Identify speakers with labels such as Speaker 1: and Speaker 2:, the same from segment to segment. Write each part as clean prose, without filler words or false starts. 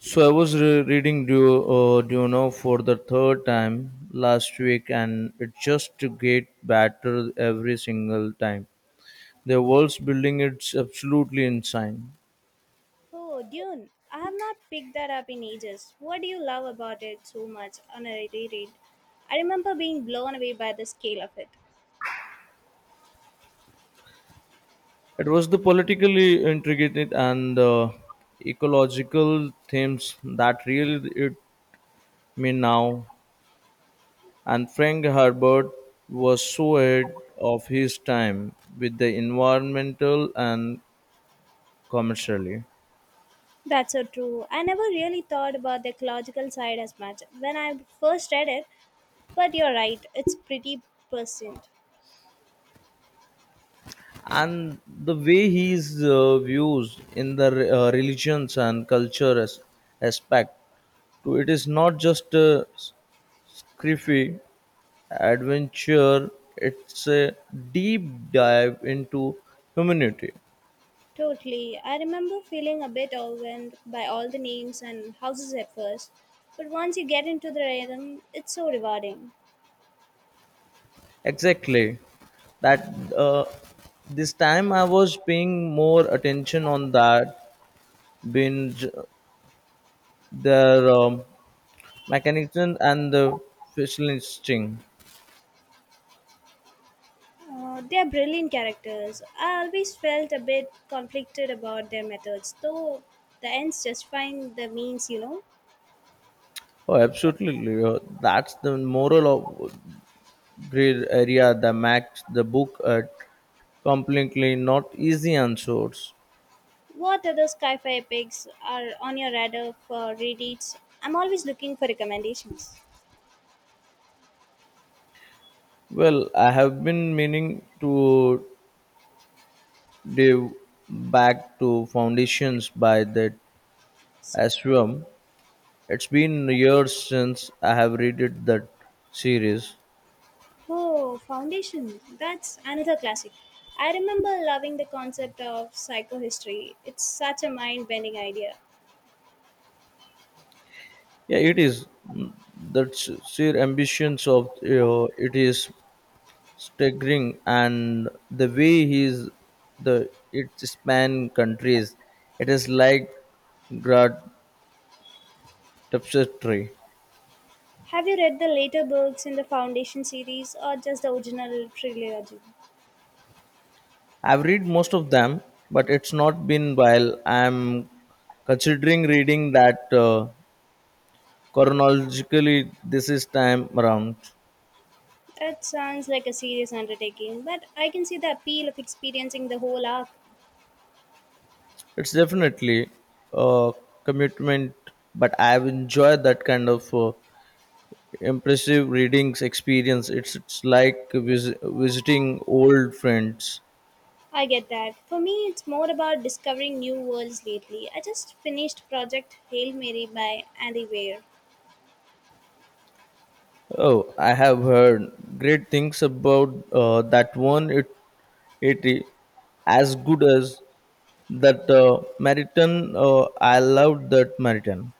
Speaker 1: So I was reading Duno for the third time last week, and it just get better every single time. The world's building it's absolutely insane.
Speaker 2: Oh, Dune. I have not picked that up in ages. What do you love about it so much on a reread? I remember being blown away by the scale of it.
Speaker 1: It was the politically intricate and the ecological themes that really it me now. And Frank Herbert was so ahead of his time with the environmental and commercially.
Speaker 2: That's so true. I never really thought about the ecological side as much when I first read it, but you're right, it's pretty percent.
Speaker 1: And the way he is views in the religions and culture as, aspect to it is not just a sci adventure, it's a deep dive into humanity.
Speaker 2: Totally. I remember feeling a bit overwhelmed by all the names and houses at first, but once you get into the rhythm, it's so rewarding.
Speaker 1: Exactly that, uh, this time I was paying more attention on that being their mechanism and the facial instinct.
Speaker 2: They are brilliant characters. I always felt a bit conflicted about their methods, though the ends justifying the means, you know.
Speaker 1: Oh, absolutely. That's the moral of gray area that makes the book completely not easy on source.
Speaker 2: What other sci fi epics are on your radar for rereads? I'm always looking for recommendations.
Speaker 1: Well, I have been meaning to dive back to Foundations by that Ashram. It's been years since I have read it, that series.
Speaker 2: Oh, Foundation. That's another classic. I remember loving the concept of psychohistory. It's such a mind bending idea.
Speaker 1: Yeah, it is. Mm, that's sheer ambitions of it is staggering and the way he's the it span countries it is like tapestry.
Speaker 2: Have you read the later books in the Foundation series or just the original trilogy?
Speaker 1: I've read most of them but it's not been while I'm considering reading that chronologically this is time around.
Speaker 2: It sounds like a serious undertaking, but I can see the appeal of experiencing the whole arc.
Speaker 1: It's definitely a commitment, but I've enjoyed that kind of impressive readings experience. It's like visiting old friends.
Speaker 2: I get that. For me, it's more about discovering new worlds lately. I just finished Project Hail Mary by Andy Weir.
Speaker 1: Oh, I have heard great things about that one. It is as good as that Meriton. I loved that Meriton.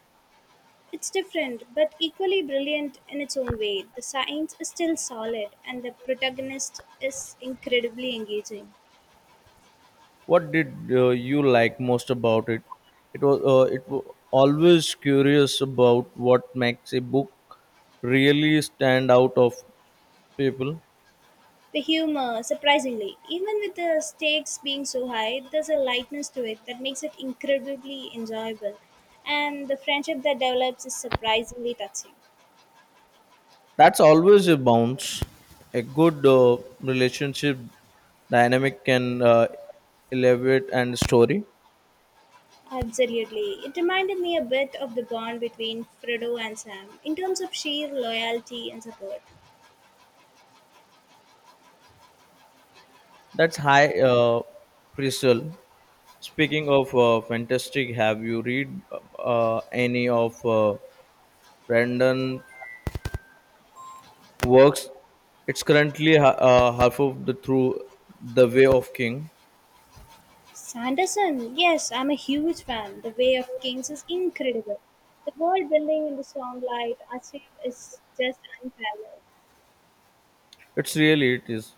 Speaker 2: It's different, but equally brilliant in its own way. The science is still solid, and the protagonist is incredibly engaging.
Speaker 1: What did you like most about it? It was always curious about what makes a book really stand out of people.
Speaker 2: The humor, surprisingly, even with the stakes being so high, there's a lightness to it that makes it incredibly enjoyable. And the friendship that develops is surprisingly touching.
Speaker 1: That's always a bounce. A good relationship dynamic can elevate and story.
Speaker 2: Absolutely. It reminded me a bit of the bond between Frodo and Sam in terms of sheer loyalty and support.
Speaker 1: That's high, Priscil. Speaking of fantastic, have you read any of Brandon works? It's currently half of the through the Way of King.
Speaker 2: Sanderson, yes, I'm a huge fan. The Way of Kings is incredible. The world building in the Stormlight Archive is just unparalleled.
Speaker 1: It's really it is.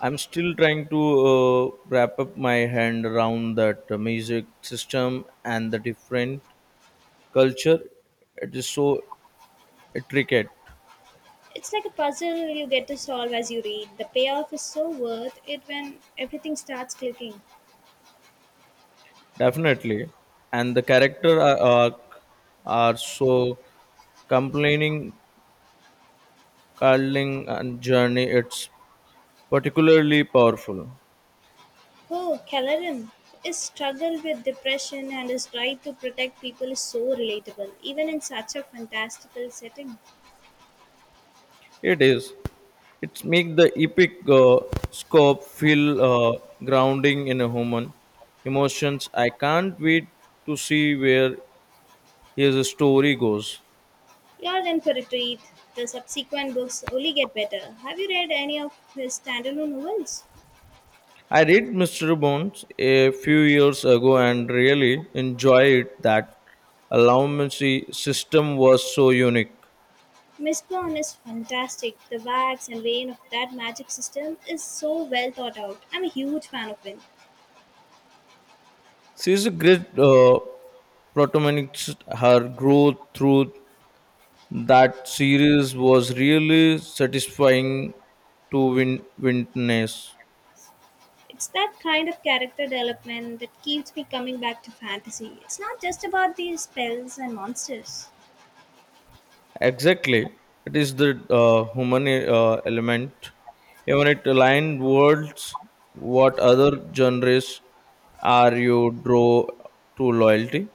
Speaker 1: I'm still trying to wrap up my hand around that music system and the different culture. It is so intricate.
Speaker 2: It's like a puzzle you get to solve as you read. The payoff is so worth it when everything starts clicking.
Speaker 1: Definitely, and the character are arc are so complaining, curling, and journey. It's particularly powerful.
Speaker 2: Oh, Caloran. His struggle with depression and his drive to protect people is so relatable, even in such a fantastical setting.
Speaker 1: It is. It's make the epic scope feel grounding in a human emotions. I can't wait to see where his story goes.
Speaker 2: You're in for a treat. The subsequent books only get better. Have you read any of his standalone novels?
Speaker 1: I read Mr. Bones a few years ago and really enjoyed that allowancy system was so unique.
Speaker 2: Mistborn is fantastic. The wax and vein of that magic system is so well thought out. I'm a huge fan of it.
Speaker 1: She is a great protagonist. Her growth through that series was really satisfying to witness.
Speaker 2: It's that kind of character development that keeps me coming back to fantasy. It's not just about these spells and monsters.
Speaker 1: Exactly. It is the human element. Even it aligned worlds, what other genres are you draw to loyalty?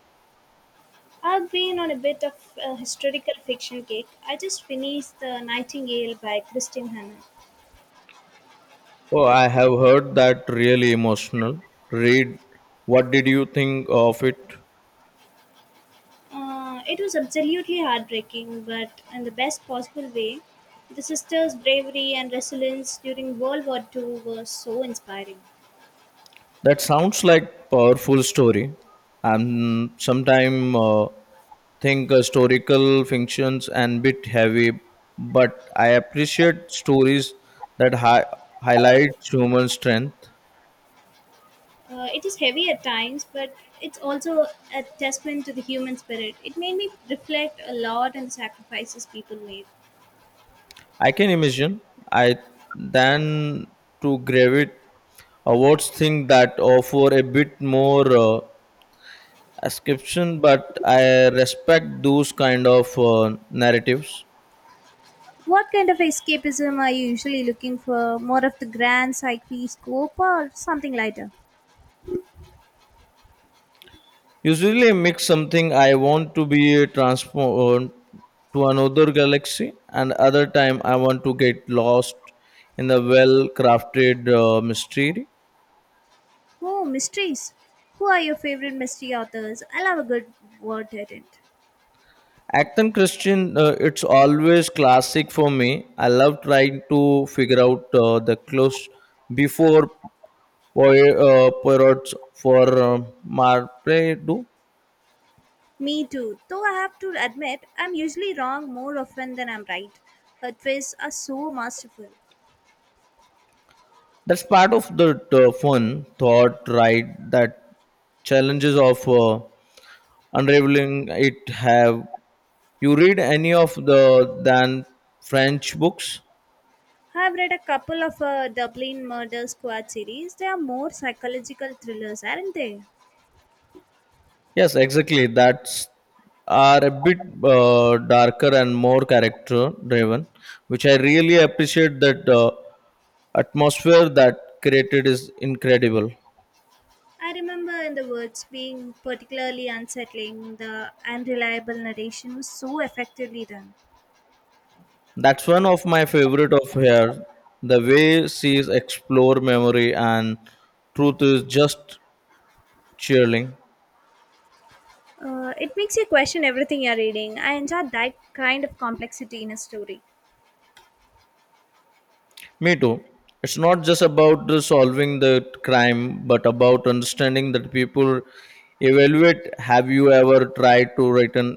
Speaker 2: I've been on a bit of a historical fiction kick. I just finished The Nightingale by Christine Hanna.
Speaker 1: Oh, I have heard that really emotional. Read, what did you think of it?
Speaker 2: It was absolutely heartbreaking, but in the best possible way. The sisters' bravery and resilience during World War II were so inspiring.
Speaker 1: That sounds like powerful story. And sometime think historical functions and bit heavy, but I appreciate stories that highlight human strength.
Speaker 2: It is heavy at times, but it's also a testament to the human spirit. It made me reflect a lot on the sacrifices people made.
Speaker 1: I can imagine. I than to gravitate awards thing that offer a bit more ascription, but I respect those kind of narratives.
Speaker 2: What kind of escapism are you usually looking for? More of the grand sci-fi scope or something lighter?
Speaker 1: Usually, I mix something I want to be transformed to another galaxy, and other time I want to get lost in the well-crafted mystery.
Speaker 2: Oh, mysteries. Who are your favorite mystery authors? I love a good word tangent.
Speaker 1: Acton Christian, it's always classic for me. I love trying to figure out the clues before Poirot Poirot's for Marpredo.
Speaker 2: Me too. Though I have to admit, I'm usually wrong more often than I'm right. Her twists are so masterful.
Speaker 1: That's part of the fun thought, right? That challenges of unraveling it. Have you read any of the than french books?
Speaker 2: I've read a couple of Dublin Murder Squad series. They are more psychological thrillers, aren't they?
Speaker 1: Yes, exactly, that's are a bit darker and more character driven, which I really appreciate that atmosphere that created is incredible.
Speaker 2: I remember in the words being particularly unsettling. The unreliable narration was so effectively done.
Speaker 1: That's one of my favorite of her. The way she explore memory and truth is just chilling.
Speaker 2: It makes you question everything you're reading. I enjoy that kind of complexity in a story.
Speaker 1: Me too. It's not just about the solving the crime, but about understanding that people evaluate. Have you ever tried to written